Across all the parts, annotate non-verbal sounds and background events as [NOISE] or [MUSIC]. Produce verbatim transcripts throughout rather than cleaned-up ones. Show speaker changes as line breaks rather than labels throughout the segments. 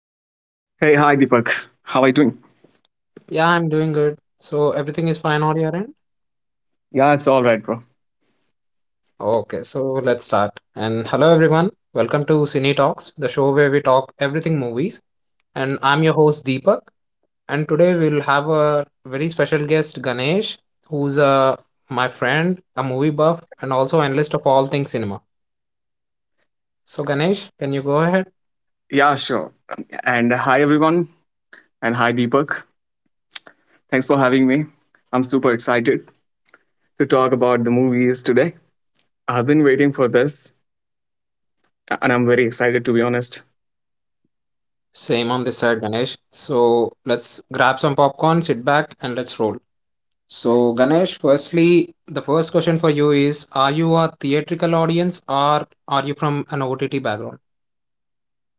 Hi, Deepak. How are you doing?
Yeah, I'm doing good. So everything is fine on your end?
Yeah, it's all right, bro.
Okay, so let's start. And hello everyone. Welcome to Cine Talks, the show where we talk everything movies. And I'm your host Deepak. And today we'll have a very special guest Ganesh, who's uh, my friend, a movie buff, and also analyst of all things cinema. So Ganesh, can you go ahead?
Yeah, sure. And uh, hi, everyone. And hi, Deepak. Thanks for having me. I'm super excited to talk about the movies today. I've been waiting for this, and I'm very excited, to be honest.
Same on this side, Ganesh. So let's grab some popcorn, sit back, and let's roll. So, Ganesh, firstly, the first question for you is, are you a theatrical audience or are you from an O T T background?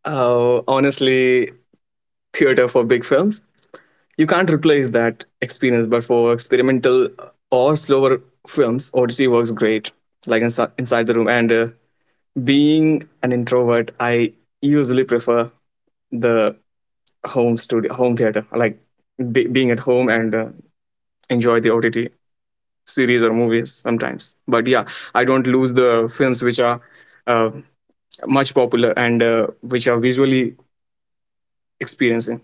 Uh, honestly, theater for big films. You can't replace that experience, but for experimental or slower films, O T T works great, like inside, inside the room. And uh, Being an introvert, I usually prefer the home studio home theater, like be, being at home, and uh, enjoy the ott series or movies sometimes. But yeah, I don't lose the films which are uh, much popular, and uh, which are visually experiencing.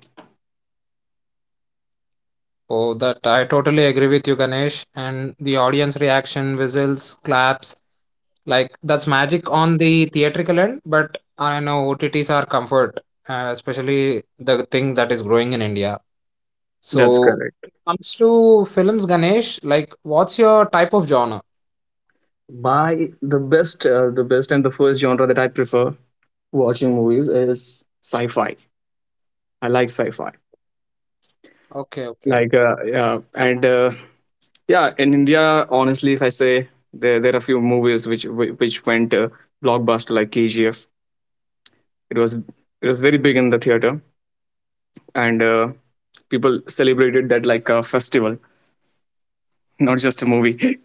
Oh, that I totally agree with you, Ganesh. And the audience reaction, whistles, claps, like that's magic on the theatrical end, but I know O T Ts are comfort, uh, especially the thing that is growing in India.
That's
So,
correct.
when it comes to films, Ganesh, like what's your type of genre?
By the best uh, the best and the first genre that I prefer watching movies is sci-fi. I like sci-fi,
Okay, okay.
like uh, yeah. And uh, yeah, in india, honestly, if I say, there, there are few movies which which went uh, blockbuster, like kgf. It was it was very big in the theater, and uh, people celebrated that like a festival, not just a movie.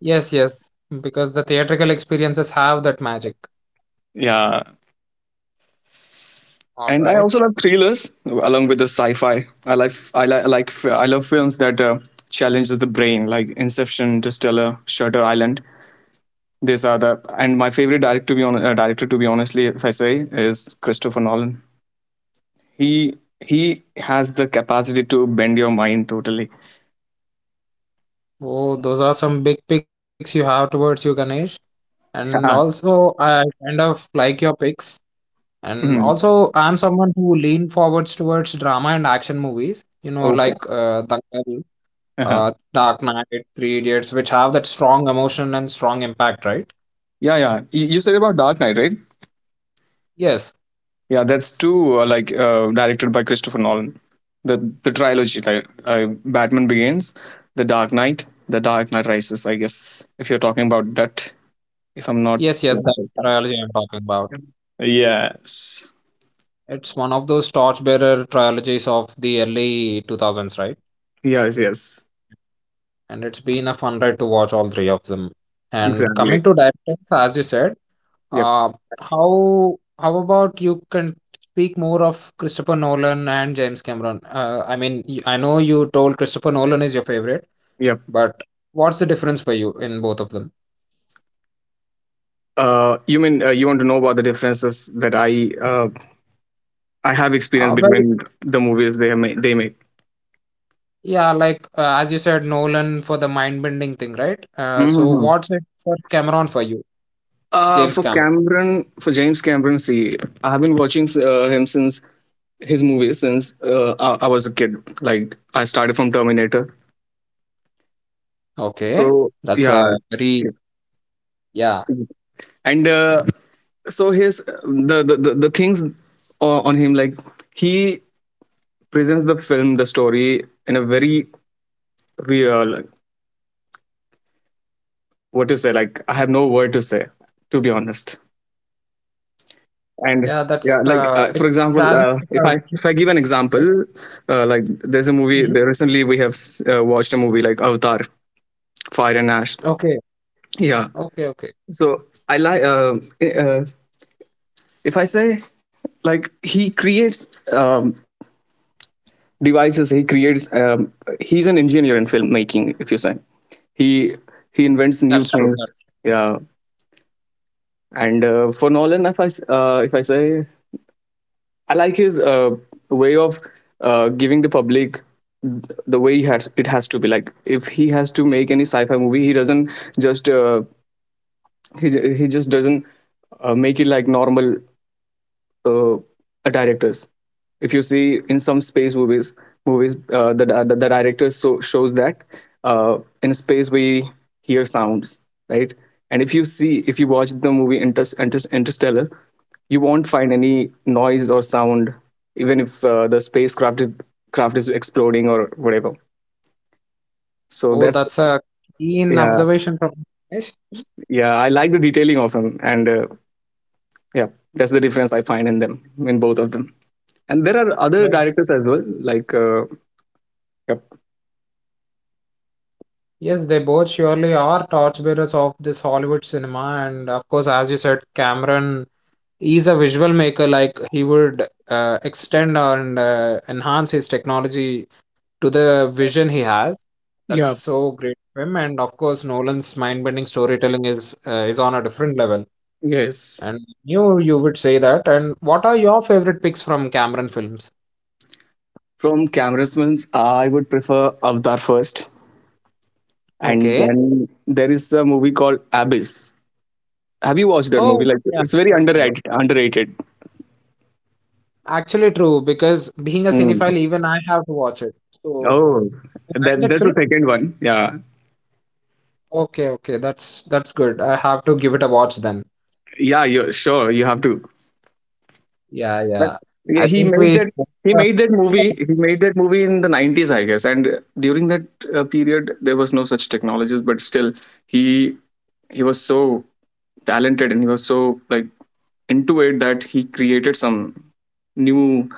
Yes, yes, because the theatrical experiences have that magic.
[LAUGHS] Yeah.
All
And I
right.
also love thrillers along with the sci-fi. I like i, li- I like i love films that uh, challenges the brain, like Inception, Interstellar, Shutter Island. These are the and my favorite director to be on uh, director to be, honestly, if I say, is Christopher Nolan. He he has the capacity to bend your mind totally. [LAUGHS]
Oh, those are some big picks you have towards you, Ganesh. And also, I kind of like your picks. And
Mhm.
also, I'm someone who lean forwards towards drama and action movies. You know,
Okay.
like uh, Dangal, uh,
[LAUGHS]
Dark Knight, Three Idiots, which have that strong emotion and strong impact, right?
Yeah, yeah. You, you said about Dark Knight, right?
Yes,
Yeah, that's too, uh, like, uh, directed by Christopher Nolan. The the trilogy, like, uh, Batman Begins, The Dark Knight, The Dark Knight Rises. I guess if you're talking about that, if I'm not.
yes, yes. That's the trilogy I'm talking about.
Yes.
It's one of those torchbearer trilogies of the early two thousands, right?
Yes. Yes.
And it's been a fun ride to watch all three of them. And
Exactly.
coming to directors, as you said,
Yep.
uh, how how about you can speak more of Christopher Nolan and James Cameron? Uh, I mean, y- I know you told Christopher Nolan is your favorite,
Yep.
but what's the difference for you in both of them?
Uh, you mean, uh, you want to know about the differences that I uh, I have
Uh,
experienced
well,
between the movies they have made, they make.
yeah, like uh, as you said, Nolan for the mind-bending thing, right? Uh, so what's it for Cameron for you,
Uh,
James
for
Cameron?
Cameron, for James Cameron, see, I have been watching uh, him since his movies since uh, I, I was a kid. Like I started from Terminator.
Okay,
So
that's a
yeah,
very
yeah.
yeah.
and uh, so his the the the, the things o- on him, like he presents the film, the story, in a very real, what to say, like, I have no word to say, to be honest.
Yeah, that's
And
uh,
yeah, like,
it's
uh, for
as if it's
example,
a
uh,
visual,
if i if i give an
right?
example. Uh, like there's a
Mhm.
movie there, recently we have uh, watched a movie like Avatar Fire and Ash.
Okay,
Yeah.
okay, okay.
So I, like, uh, eh, uh, if I say, like, he creates, um, devices he creates, um, he's an engineer in filmmaking, if you say. He he invents new
That's true.
things.
That's
Yeah. And uh, for Nolan, if i s- uh, if I say, I like his uh, way of uh, giving the public, th- the way he has, it has to be. Like if he has to make any sci-fi movie, he doesn't just uh, he he just doesn't uh, make it like normal uh, directors. If you see, in some space movies movies, uh, the, the the director so shows that uh, in space we hear sounds, right? And if you see, if you watch the movie, Inter- Inter- Interstellar, you won't find any noise or sound, even if uh, the spacecraft is- craft is exploding or whatever, so
oh,
that's.
that's a keen
Yeah,
observation from Dinesh.
yeah. I like the detailing of them. And uh, yeah, that's the difference I find in them, in both of them. And there are other
Well,
directors as well, like, uh, yep.
yes, they both surely are torchbearers of this Hollywood cinema, and of course, as you said, Cameron is a visual maker. Like he would uh, extend and uh, enhance his technology to the vision he has. That's
Yeah,
so great of him, and of course, Nolan's mind-bending storytelling is uh, is on a different level.
yes.
And knew you would say that. And what are your favorite picks from Cameron Films?
From Camerasman's, I would prefer Avatar first, and
Okay.
then there is a movie called Abyss. Have you watched that movie?
Oh,
Like,
yeah.
it's very
Perfect.
underrated. Underrated.
Actually, true, because being a
Mm.
cinephile, even I have to watch it. So,
Oh,
you like
that
that
that's
film?
the second one. Yeah,
Okay, okay, that's that's good. I have to give it a watch then.
yeah. You sure you have to.
Yeah,
But
yeah.
yeah,
I
he
think
made
we.
that.
Spoke,
He
uh,
made that movie. He made that movie in the nineties, I guess. And during that uh, period, there was no such technologies, but still, he he was so talented, and he was so, like, into it, that he created some new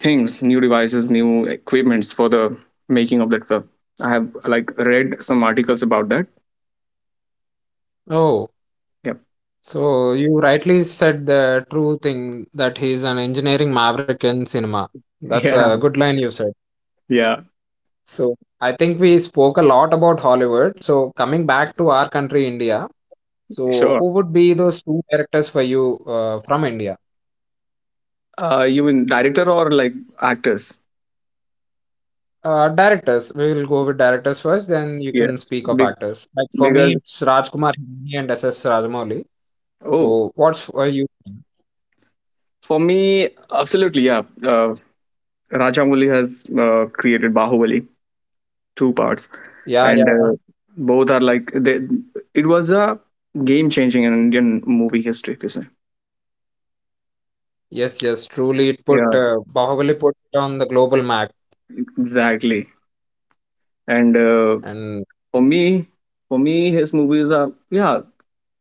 things, new devices, new equipments for the making of that film. I have, like, read some articles about that.
Oh,
Yep.
so you rightly said the true thing that he's an engineering maverick in cinema.
[LAUGHS]
That's
Yeah.
a good line you said.
Yeah.
So I think we spoke a lot about Hollywood. So coming back to our country, India. So who
Sure.
would be those two directors for you uh, from India?
Uh, you mean director or, like, actors?
Uh, directors. We will go with directors first, then you can
Yes.
speak of
Big,
actors. Like for me,
because,
it's Rajkumar Hirani and S S Rajamouli.
oh,
So what's for you?
for me, absolutely. Yeah. Uh, Rajamouli has uh, created Bahubali two parts,
Yeah,
and uh,
yeah.
both are like they. It was a game changing in Indian movie history, if you say.
Yes, yes. Truly, it put
Yeah.
uh, Bahubali put it on the global map,
Exactly. And uh,
and
for me, for me, his movies are, yeah.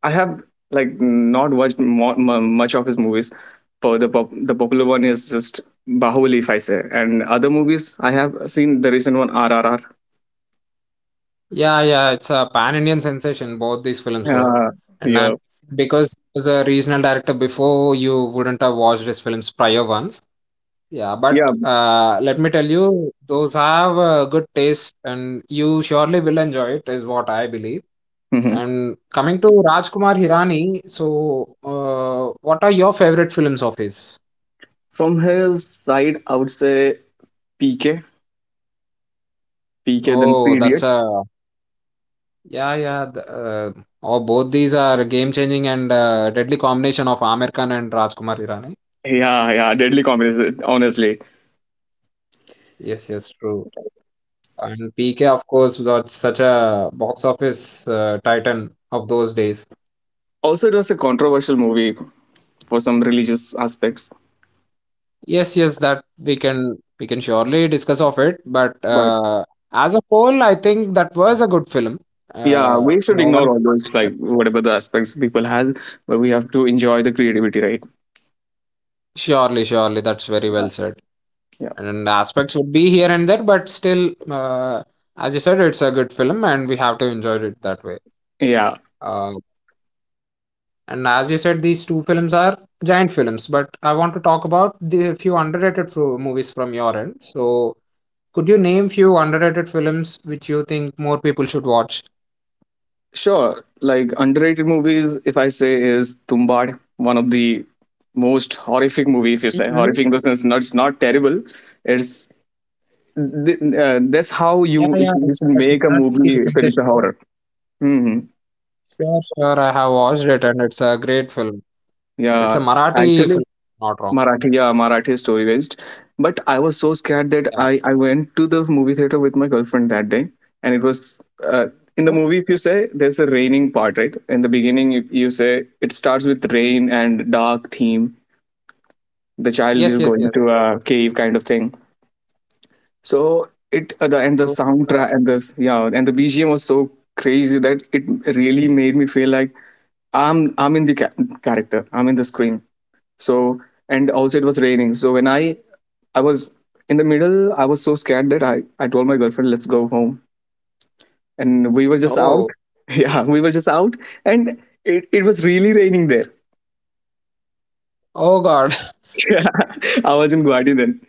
I have, like, not watched mo- m- much of his movies. For the pop- the popular one is just Bahubali, if I say, and other movies I have seen, the recent one R R R.
yeah, yeah, it's a pan-Indian sensation, both these films were.
Yeah,
And I'm
yeah,
Because as a regional director before, you wouldn't have watched his films prior ones. Yeah, but
yeah.
uh, let me tell you, those have a good taste, and you surely will enjoy it, is what I believe.
Mhm.
And coming to Rajkumar Hirani, so uh, what are your favorite films of his?
From his side, I would say P K, P K, then
Oh,
Three
that's
Idiots.
a yeah, yeah. Th- uh, oh, both these are game-changing and uh, deadly combination of Aamir Khan and Rajkumar Hirani.
Yeah, yeah, deadly combination. Honestly,
Yes, yes, true. And P K, of course, was such a box office uh, titan of those days.
also it was a controversial movie for some religious aspects.
Yes, yes, that we can we can surely discuss of it. But uh, as a whole, I think that was a good film.
Yeah,
Uh,
we should
no one.
ignore all those, like, whatever the aspects people has, but we have to enjoy the creativity, right?
Surely, surely, that's very
Yeah.
well said.
Yeah,
And aspects would be here and there but still, uh, as you said it's a good film and we have to enjoy it that way.
yeah.
uh, and as you said these two films are giant films, but I want to talk about the few underrated fro- movies from your end, so could you name few underrated films which you think more people should watch?
Sure, like, underrated movies, if I say, is Tumbad, one of the most horrific movie, if you say
Hmm.
horrific in the sense, not, it's not terrible. It's, th- uh, that's how
Yeah,
you
yeah,
should, you
it's
should
that
make a
Marathi
movie if it is a
sensation, right?
horror. Hmm.
Sure, sure, I have watched it and it's a great film. It's
Yeah,
a Marathi
actually
film, not wrong.
Marathi, yeah, Marathi is story based. But I was so scared that
Yeah.
I, I went to the movie theater with my girlfriend that day, and it was, uh, in the
Oh,
movie. If you say there's a raining part, right? In the beginning, you, you say, it starts with rain and dark theme. The
yes
child
yes
is
yes,
going to a cave kind of thing. So it, uh, the,
so
and the
uh,
soundtrack, and the, yeah, and the B G M was so crazy that it really made me feel like I'm I'm in the ca- character. I'm in the screen. So, and also it was raining, so when i i was in the middle, I was so scared that i i told my girlfriend, let's go home, and we were just out.
oh,
[LAUGHS] Yeah, we were just out, and it, it was really raining there.
oh God. [LAUGHS]
[LAUGHS] Yeah, I was in Guwahati then.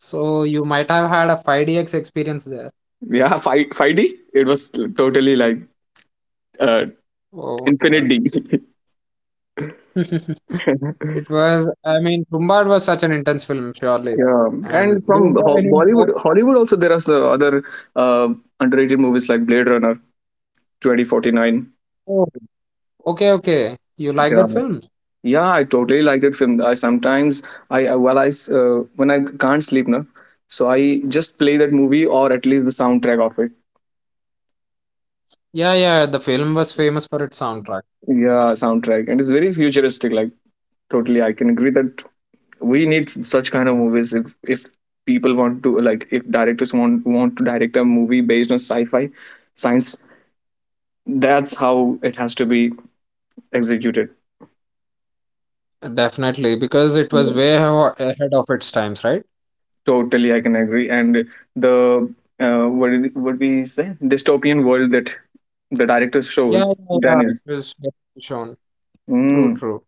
So you might have had a five D X experience there.
Yeah, five five d, it was totally like, uh,
Oh
infinite
God.
d. [LAUGHS]
[LAUGHS] It was, I mean, Tumbad was such an intense film, surely.
yeah and
And do
from
you have
Ho-
any
bollywood
more?
hollywood also, there are so- other uh, underrated movies like Blade Runner twenty forty-nine.
Oh, okay, okay. You like
Yeah.
that film?
Yeah, I totally like that film. I sometimes, I uh, well I s- uh, when I can't sleep now, so I just play that movie, or at least the soundtrack of it.
Yeah, yeah, the film was famous for its soundtrack.
Yeah, soundtrack. And it's very futuristic. Like, totally, I can agree that we need such kind of movies, if if people want to, like, if directors want want to direct a movie based on sci-fi, science. That's how it has to be executed.
Definitely, because it was way aho- ahead of its times, right?
Totally, I can agree. And the, uh, what did, what we say, dystopian world that the director
Yeah,
shows,
yeah, yeah. It
Dennis.
was definitely shown. True,
Mm,
true.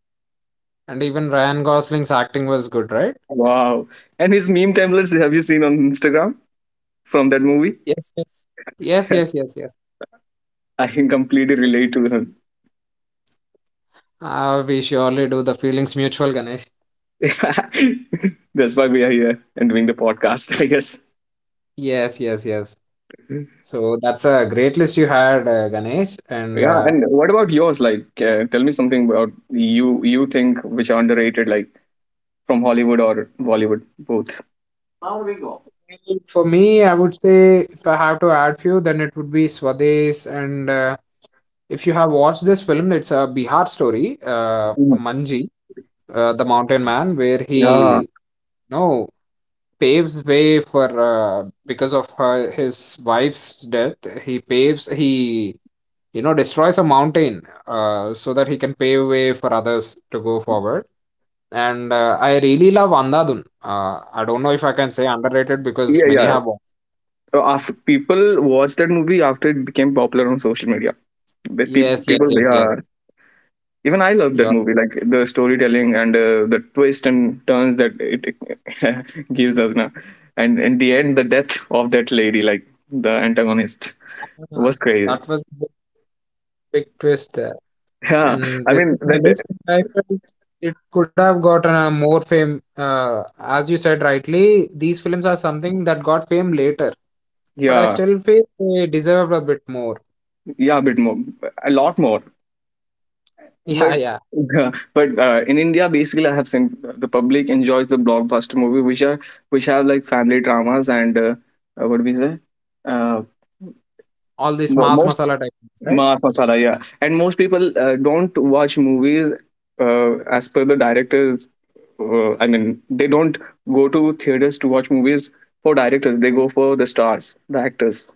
And even Ryan Gosling's acting was good, right?
wow. And his meme templates, have you seen on Instagram from that movie?
Yes, yes. Yes, yes,
[LAUGHS]
yes, yes.
I can completely relate to him.
Ah, we surely do the feelings mutual, Ganesh.
[LAUGHS] That's why we are here and doing the podcast, [LAUGHS] I guess.
Yes, yes, yes. So that's a great list you had, uh, Ganesh. And
Yeah,
uh,
and what about yours? Like, uh, tell me something about you. You think which are underrated, like, from Hollywood or Bollywood, both.
for me, I would say if I have to add few, then it would be Swades. And uh, if you have watched this film, it's a Bihar story, uh,
Mhm.
Manji, uh, the mountain man, where he,
Yeah,
you know, paves way for uh, because of her, his wife's death. He paves, he you know destroys a mountain, uh, so that he can pave way for others to go forward. And uh, I really love Andhadhun. uh, I don't know if I can say underrated
yeah,
because many
yeah.
have watched.
After people watched that movie, after it became popular on social media, the pe-
Yes
people,
yes yes
yeah,
yes.
even I love that
You're
movie, like the storytelling, and uh, the twist and turns that it [LAUGHS] gives us now, and in the end, the death of that lady, like the antagonist,
ah,
was crazy.
that was a big, big twist there.
[LAUGHS] Yeah, I
And this
mean
is my
that.
list, I felt it could have gotten a more fame. uh, as you said rightly, these films are something that got fame later, but I
Yeah,
still feel they deserved a bit more.
yeah, a bit more, a lot more.
[LAUGHS] Yeah
But
yeah,
[LAUGHS] but uh, in India, basically, I have seen the public enjoys the blockbuster movie, which are which have, like, family dramas, and uh, uh, what do we say? Uh,
all these
mo-
mass
Most,
masala techniques right.
Mas Masala, yeah. And most people uh, don't watch movies uh, as per the directors. Uh, I mean, they don't go to theaters to watch movies for directors. They go for the stars, the actors,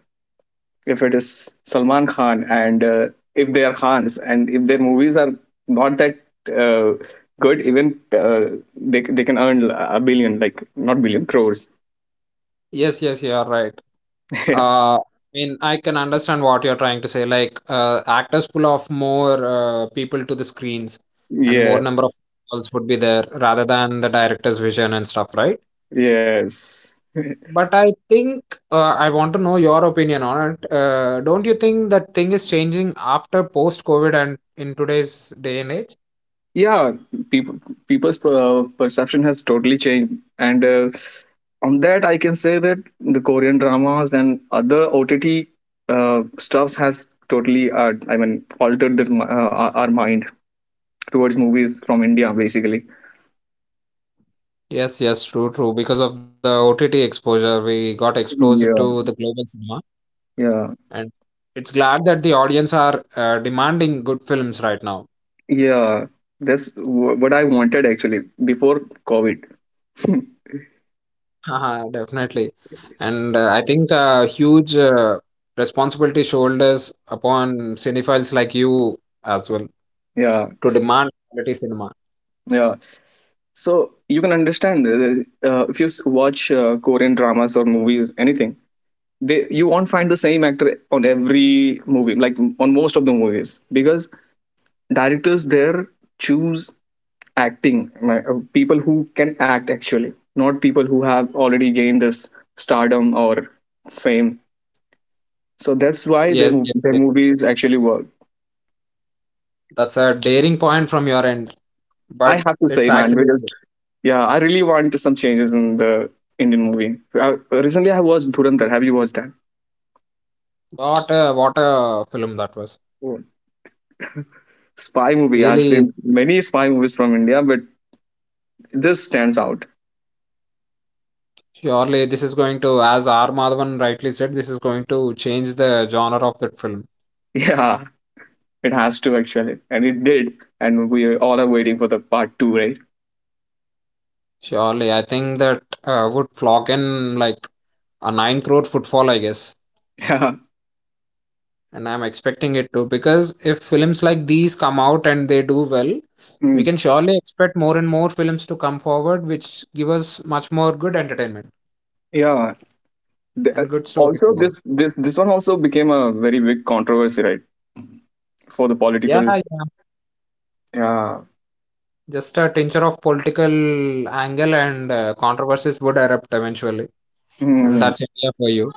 if it is Salman Khan, and uh, if they are Khans, and if their movies are not that uh, good, even uh, they they can earn a billion, like, not billion crores.
Yes, yes, you are right.
[LAUGHS] Yeah.
Uh, I mean, I can understand what you're trying to say. Like, uh, actors pull off more uh, people to the screens, and more number
Yes.
of calls would be there rather than the director's vision and stuff, right?
Yes.
But I think uh, I want to know your opinion on it. Uh, don't you think that thing is changing after post-COVID and in today's day and age?
Yeah. People, people's per- perception has totally changed, and uh, on that I can say that the Korean dramas and other O T T uh, stuffs has totally, uh, I mean, altered their, uh, our our mind towards movies from India, basically.
Yes, yes, true, true. Because of the O T T exposure, we got exposed
Yeah,
to the global cinema.
yeah,
And it's glad that the audience are uh, demanding good films right now.
yeah. That's wh- what I wanted, actually, before COVID.
[LAUGHS] Haha, definitely. And uh, I think a huge uh, responsibility shoulders upon cinephiles like you as well
Yeah,
to demand quality cinema.
yeah. So you can understand, uh, uh, if you s- watch, uh, Korean dramas or movies, anything, they you won't find the same actor on every movie, like on most of the movies, because directors there choose acting, like, uh, people who can act, actually, not people who have already gained this stardom or fame. So that's why their
Yes,
mo-
yes,
their
yes.
movies actually work.
That's a daring point from your end,
I
but
have to
it's
say, man,
actually
because
true.
yeah, I really want some changes in the Indian movie. I, recently, I watched Dhurantar. Have you watched that?
What a, what a film that was.
Oh. Spy movie. I've
Really,
seen many spy movies from India, but this stands out. [LAUGHS]
surely this is going to, as R. Madhavan rightly said, this is going to change the genre of that film.
Yeah, it has to actually, and it did. And we all are waiting for the part two, right?
Surely, I think that uh, would clock in like a nine crore footfall, I guess.
[LAUGHS] Yeah.
And I'm expecting it to because if films like these come out and they do well, we
Mm.
can surely expect more and more films to come forward which give us much more good entertainment
Yeah. The- uh,
and good
Also,
storytelling.
this this this one also became a very big controversy, right, for the
Yeah,
political.
yeah.
Yeah.
Just a tincture of political angle and uh, controversies would erupt eventually. And
Hmm.
that's India for you.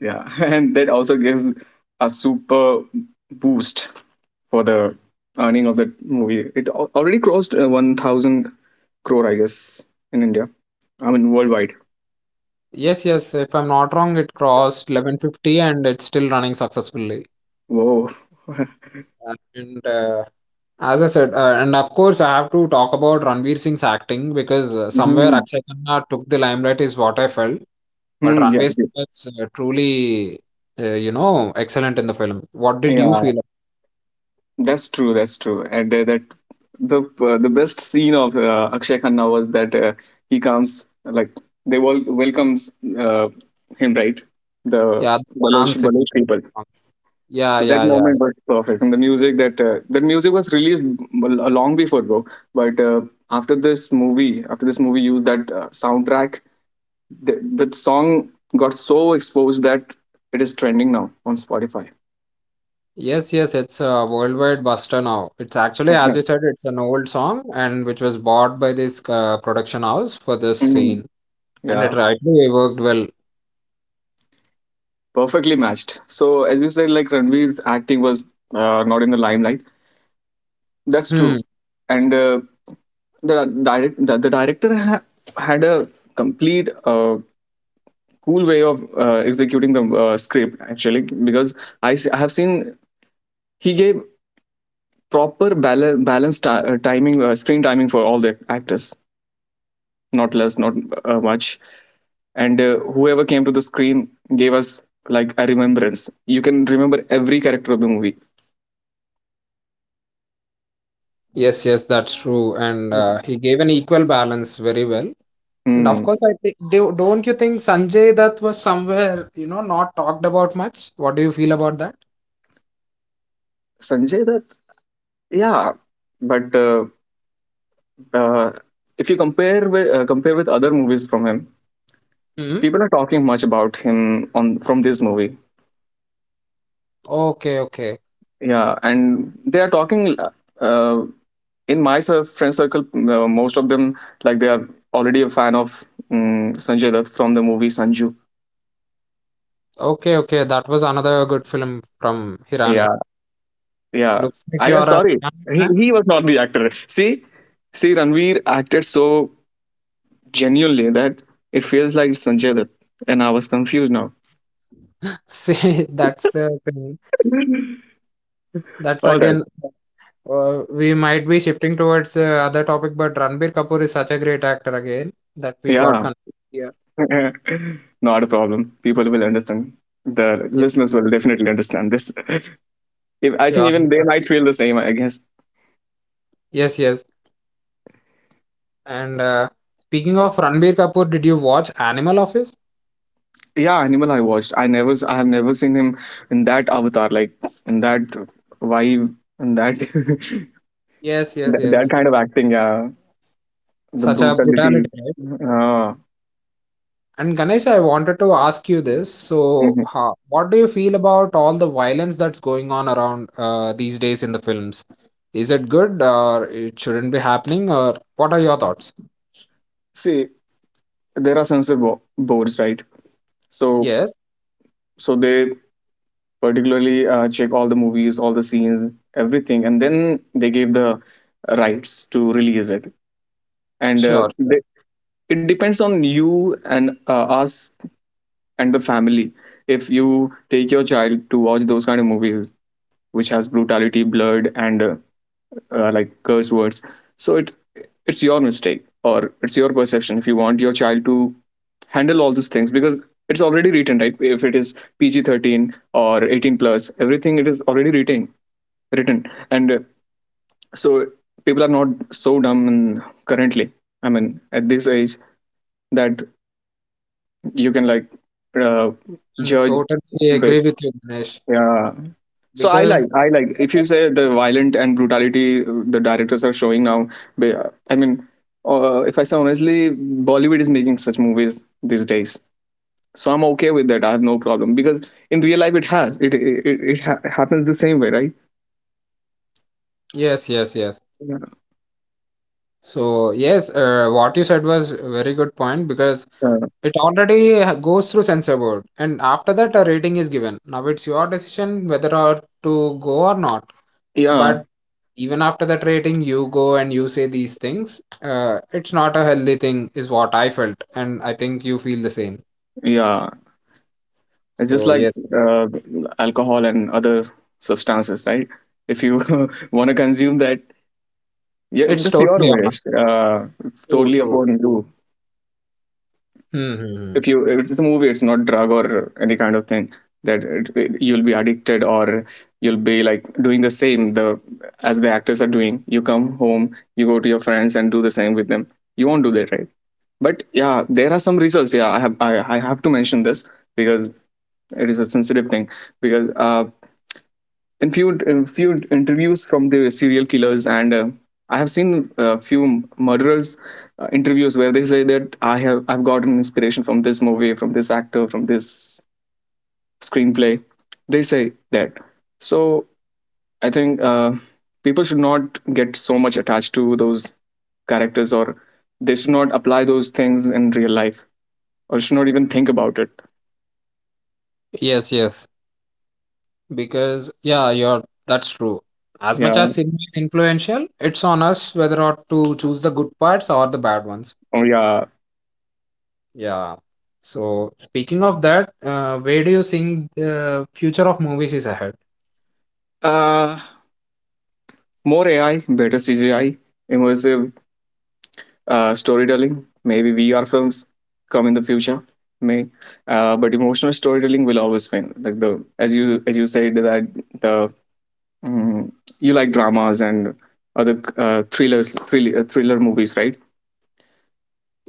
Yeah, [LAUGHS] and that also gives a super boost for the earning of that movie. It al- already crossed uh, 1000 crore, I guess, in India, I mean worldwide.
Yes, yes, if I'm not wrong, it crossed eleven fifty and it's still running successfully.
Whoa. [LAUGHS]
And uh, as I said, uh, and of course, I have to talk about Ranveer Singh's acting because uh, somewhere
Mhm.
Akshay Khanna took the limelight, is what I felt. But
Hmm, yeah,
Ranveer
okay.
Singh was uh, truly, uh, you know, excellent in the film. What did you
Yeah,
feel?
that's true, that's true, and uh, that the uh, the best scene of uh, Akshay Khanna was that, uh, he comes, like, they wel- welcomes uh, him, right? The
Yeah, the
Baloch,
dance, if
Baloch
I'm
people.
not wrong. Yeah,
So that
yeah, yeah.
moment was perfect, and the music, that uh, that music was released, m- a long before, bro. But uh, after this movie, after this movie used that uh, soundtrack, the, that song got so exposed that it is trending now on Spotify.
Yes, yes, it's a worldwide buster now. It's actually,
[LAUGHS] Yeah.
as you said, it's an old song and which was bought by this uh, production house for this
Mm.
scene, and it
Yeah,
rightly worked well.
perfectly matched. So as you said, like, Ranveer's acting was, uh, not in the limelight. That's
Hmm.
true, and uh, the direct the, the director ha- had a complete uh, cool way of uh, executing the uh, script, actually, because I s- I have seen he gave proper bal- balanced ti- uh, timing, uh, screen timing for all the actors, not less, not uh, much. And uh, whoever came to the screen gave us like a remembrance. You can remember every character of the movie.
Yes, yes, that's true. And uh, he gave an equal balance very well. And of
Hmm.
course, I think, do, don't you think Sanjay Dutt was somewhere, you know, not talked about much? What do you feel about that?
Sanjay Dutt, yeah, but uh, uh, if you compare with uh, compare with other movies from him,
Hmm.
people are talking much about him on from this movie.
Okay, okay.
Yeah, and they are talking, uh, in my cir- friend circle, uh, most of them, like, they are already a fan of um, Sanjay Dutt from the movie Sanju.
Okay, okay. That was another good film from
Yeah,
Hirani.
yeah,
Looks
I
like you
am
are a
sorry,
Hirani
he,
fan.
he was not the actor. see See, Ranveer acted so genuinely that it feels like it's Sanjay Dutt, and I was confused now.
[LAUGHS] See, that's the thing. That's
All right.
again, uh, we might be shifting towards uh, other topic, but Ranbir Kapoor is such a great actor again that we got.
Yeah,
Con- yeah,
[LAUGHS] not a problem. People will understand. The
yes,
Listeners
yes.
will definitely understand this. If, I think
Sure.
even they might feel the same, I guess.
Yes, yes. And uh, speaking of Ranbir Kapoor, did you watch Animal Office?
Yeah, Animal, I watched. i never s- I have never seen him in that avatar, like, in that vibe, in that,
Yes,
[LAUGHS]
yes,
that, that
yes.
kind of acting. Yeah, the
Such a brutality,
brutality.
right?
uh,
And Ganesh, I wanted to ask you this. So,
mhm.
ha, what do you feel about all the violence that's going on around uh, these days in the films? Is it good or it shouldn't be happening, or what are your thoughts?
See, there are censor bo- boards, right? so
Yes,
so they particularly uh, check all the movies, all the scenes, everything, and then they gave the rights to release it. And uh,
sure, sure.
they, it depends on you and uh, us and the family. If you take your child to watch those kind of movies which has brutality, blood, and uh, uh, like, curse words, so it's it's your mistake, or it's your perception, if you want your child to handle all these things. Because it's already written, right? If it is P G thirteen or eighteen plus, everything, it is already written written. And uh, so people are not so dumb currently, I mean, at this age, that you can, like, uh,
And
judge.
totally agree with you, Ganesh.
Yeah. So I like
Because
I like, if you say, the violent and brutality uh, the directors are showing now. ba- uh, I mean, uh, if I say honestly, Bollywood is making such movies these days. So I'm okay with that. I have no problem because in real life it has it it, it, it ha- happens the same way, right?
yes, yes, yes.
Yeah.
So yes, uh, what you said was a very good point because
Uh,
it already ha- goes through censor board, and after that, a rating is given. Now it's your decision whether or to go or not.
yeah.
But even after that rating, you go and you say these things. Uh, it's not a healthy thing, is what I felt, and I think you feel the same.
Yeah. It's just
So
like
yes,
uh, alcohol and other substances, right? If you [LAUGHS] want to consume that, yeah,
it's
that's your
totally on
wish.
us.
Uh,
True,
Totally
true.
upon you.
Hmm, hmm hmm.
If you if it's a movie, it's not drug or any kind of thing that it, it- you'll be addicted, or you'll be like doing the same, the as the actors are doing. You come home, you go to your friends, and do the same with them. You won't do that, right? But yeah, there are some results. Yeah, i have i, I have to mention this because it is a sensitive thing. Because uh, in few in few interviews from the serial killers, and uh, I have seen a few murderers uh, interviews where they say that i have I've gotten inspiration from this movie, from this actor, from this screenplay, they say that. So I think uh, people should not get so much attached to those characters, or they should not apply those things in real life, or should not even think about it.
Yes, yes. Because yeah, you're that's true. As much
Yeah.
as cinema is influential, it's on us whether or to choose the good parts or the bad ones.
Oh, yeah.
Yeah. So speaking of that, uh, where do you think the future of movies is ahead?
uh More AI, better CGI, immersive uh, storytelling. Maybe V R films come in the future, may. Uh, but emotional storytelling will always win. Like, the as you as you said that, the mm, you like dramas and other uh, thrillers, thrill, uh, thriller movies, right?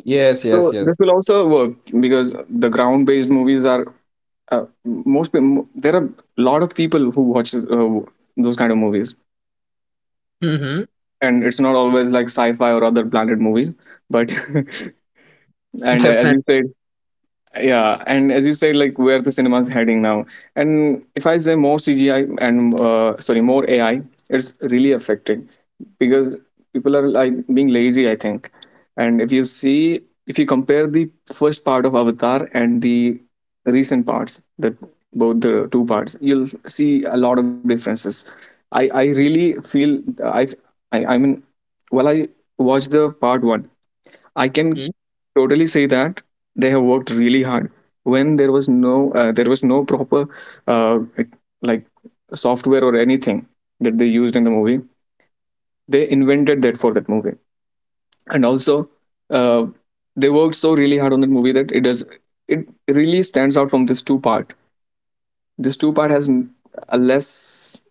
Yes, yes,
So this
yes.
will also work because the ground-based movies are, uh, most. pe- mo- there are a lot of people who watch uh, those kind of movies,
Mm-hmm.
and it's not always like sci-fi or other planet movies. But, [LAUGHS]
[LAUGHS]
and uh, as you
Definitely.
said, yeah, and as you said, like, where the cinema's heading now. And if I say more CGI and uh, sorry, more AI, it's really affecting because people are, like, being lazy, I think. And if you see if you compare the first part of Avatar and the recent parts, that both the two parts, you'll see a lot of differences. I i really feel, i i, I mean, while I watched the part one, I can
Mm.
totally say that they have worked really hard when there was no uh, there was no proper, uh, like, software or anything that they used in the movie. They invented that for that movie, and also, uh, they worked so really hard on that movie that it does it really stands out from this two part. This two part has a less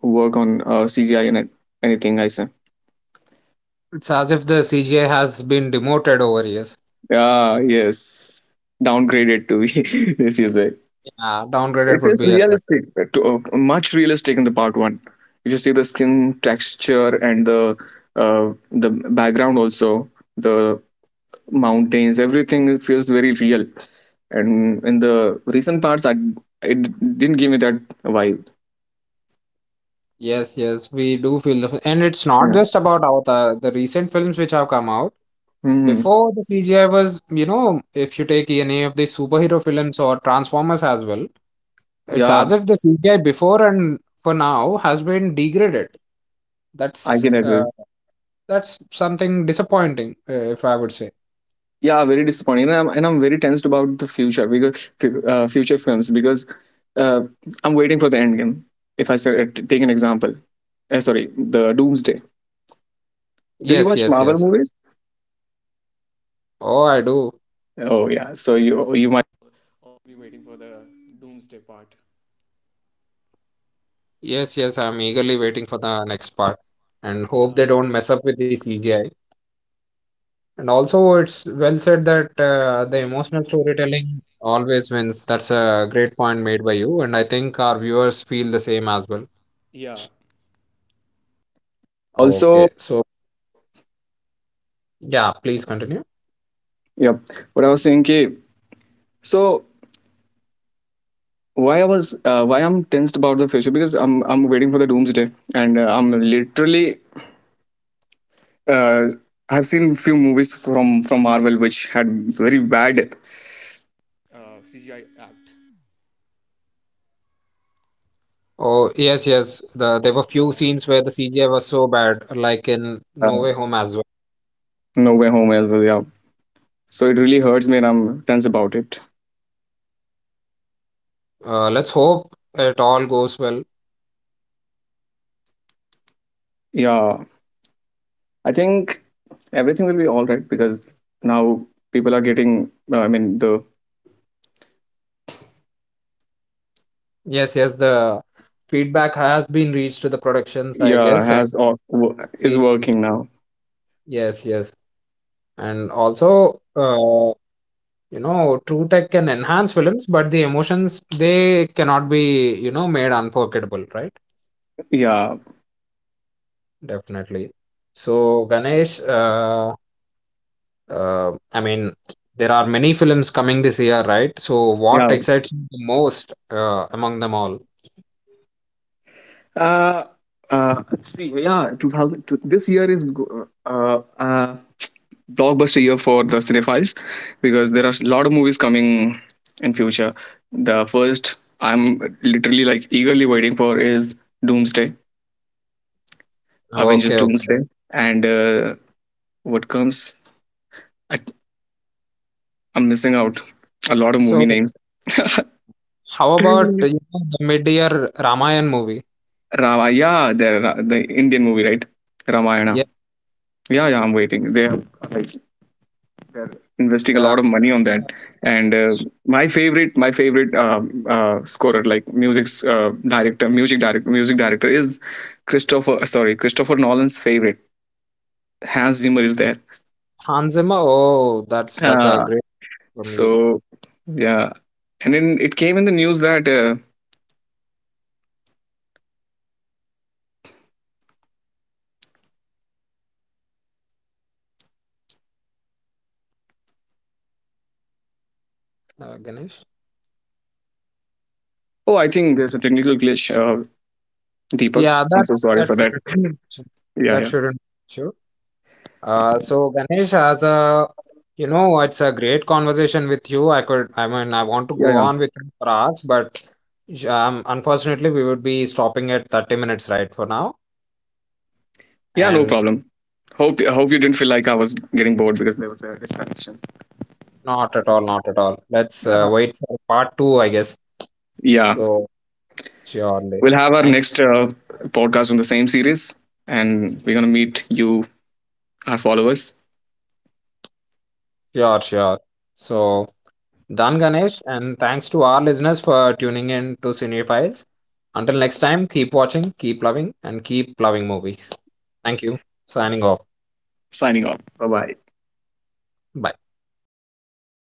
work on uh, C G I and anything, I say.
It's as if the C G I has been demoted over years.
Ah, yes, downgraded to, [LAUGHS] if you say.
Yeah,
It
downgraded would
feels
be a correct.
realistic, uh, to, uh, much realistic in the part one. If you see the skin texture and the uh, the background also, the mountains, everything, it feels very real. And in the recent parts, I it didn't give me that vibe.
Yes, yes, we do feel the, f- and it's not
Yeah.
just about Avatar. The recent films which have come out
Hmm.
before the C G I was, you know, if you take any of the superhero films or Transformers as well, it's
Yeah,
as if the C G I before and for now has been degraded.
I can
That's uh,
agree.
that's something disappointing, uh, if I would say.
Yeah, very disappointing, and I'm, and I'm very tensed about the future, because fu- uh, future films, because uh, I'm waiting for the end game. If I say, uh, take an example, uh, sorry, the Doomsday. Do you watch
Yes, yes,
Marvel
yes.
movies?
Oh, I do.
Oh yeah, so you you.
Yes, yes, I'm eagerly waiting for the next part and hope they don't mess up with the C G I. And also, it's well said that uh, the emotional storytelling always wins. That's a great point made by you, and I think our viewers feel the same as well. Okay, so yeah, please continue.
But I was saying, okay, so why I was uh, why I'm tensed about the future, because I'm I'm waiting for the Doomsday. And uh, I'm literally, uh, I've seen few movies from from Marvel which had very bad.
Oh, yes, yes. The, there were few scenes where the C G I was so bad, like in No Way Home as well.
Me as well. Yeah. So it really hurts me, and I'm tense about it.
Uh, let's hope it all goes well.
Yeah. I think everything will be all right because now people are getting. Uh, I mean, the,
Yes, yes, the feedback has been reached to the productions, I
yeah,
guess, and
has all, wo- is
we-
working now.
yes, yes, and also, uh, you know, True Tech can enhance films, but the emotions they cannot be, you know, made unforgettable, right?
Yeah.
Definitely. So, Ganesh, uh, uh, I mean, there are many films coming this year, right? So, what
Yeah.
excites you the most, uh, among them all?
Uh. Uh. Let's see. Yeah. Two thousand. Two, This year is. Go- Uh. Uh blockbuster year for the cinephiles, because there are a lot of movies coming in future. The first I'm literally, like, eagerly waiting for is Doomsday, Avengers
Okay, okay.
Doomsday. And uh, what comes? I, I'm missing out a lot of movie
So.
names.
How about you
[LAUGHS]
know, the mid-year Ramayan movie?
Rama, yeah, the the Indian movie, right? Ramayana.
Yeah,
Yeah, yeah, I'm waiting. They have, like, they're investing a
the
lot of money on that. And uh, my favorite, my favorite uh, uh, scorer, like, music's uh, director, music director, music director is Christopher. Uh, Sorry, Christopher Nolan's favorite Hans Zimmer is there.
Hans Zimmer. Oh, that's that's a
Uh,
great from you,
so yeah, and then it came in the news that uh,
uh, Ganesh.
oh, I think there's a technical glitch, uh, Deepak.
Yeah,
I'm
that
so sorry
that
for that.
shouldn't
Yeah,
that
yeah,
shouldn't be an issue. Uh, so Ganesh, as a you know, it's a great conversation with you. I could, I mean, I want to
yeah,
go
yeah.
on with you for hours, but um, unfortunately, we would be stopping at thirty minutes right for now,
Yeah, no
and
problem. Hope hope you didn't feel like I was getting bored because there was a distraction.
not at all, not at all. Let's uh, wait for part two, I guess.
Yeah,
So surely.
we'll have our
Thank
next uh, podcast on the same series, and we're gonna meet you, our followers.
sure, sure. So, done, Ganesh, and thanks to our listeners for tuning in to Cinephiles. Until next time, keep watching, keep loving, and keep loving movies. Thank you. Signing off.
Signing off. Bye bye.
Bye.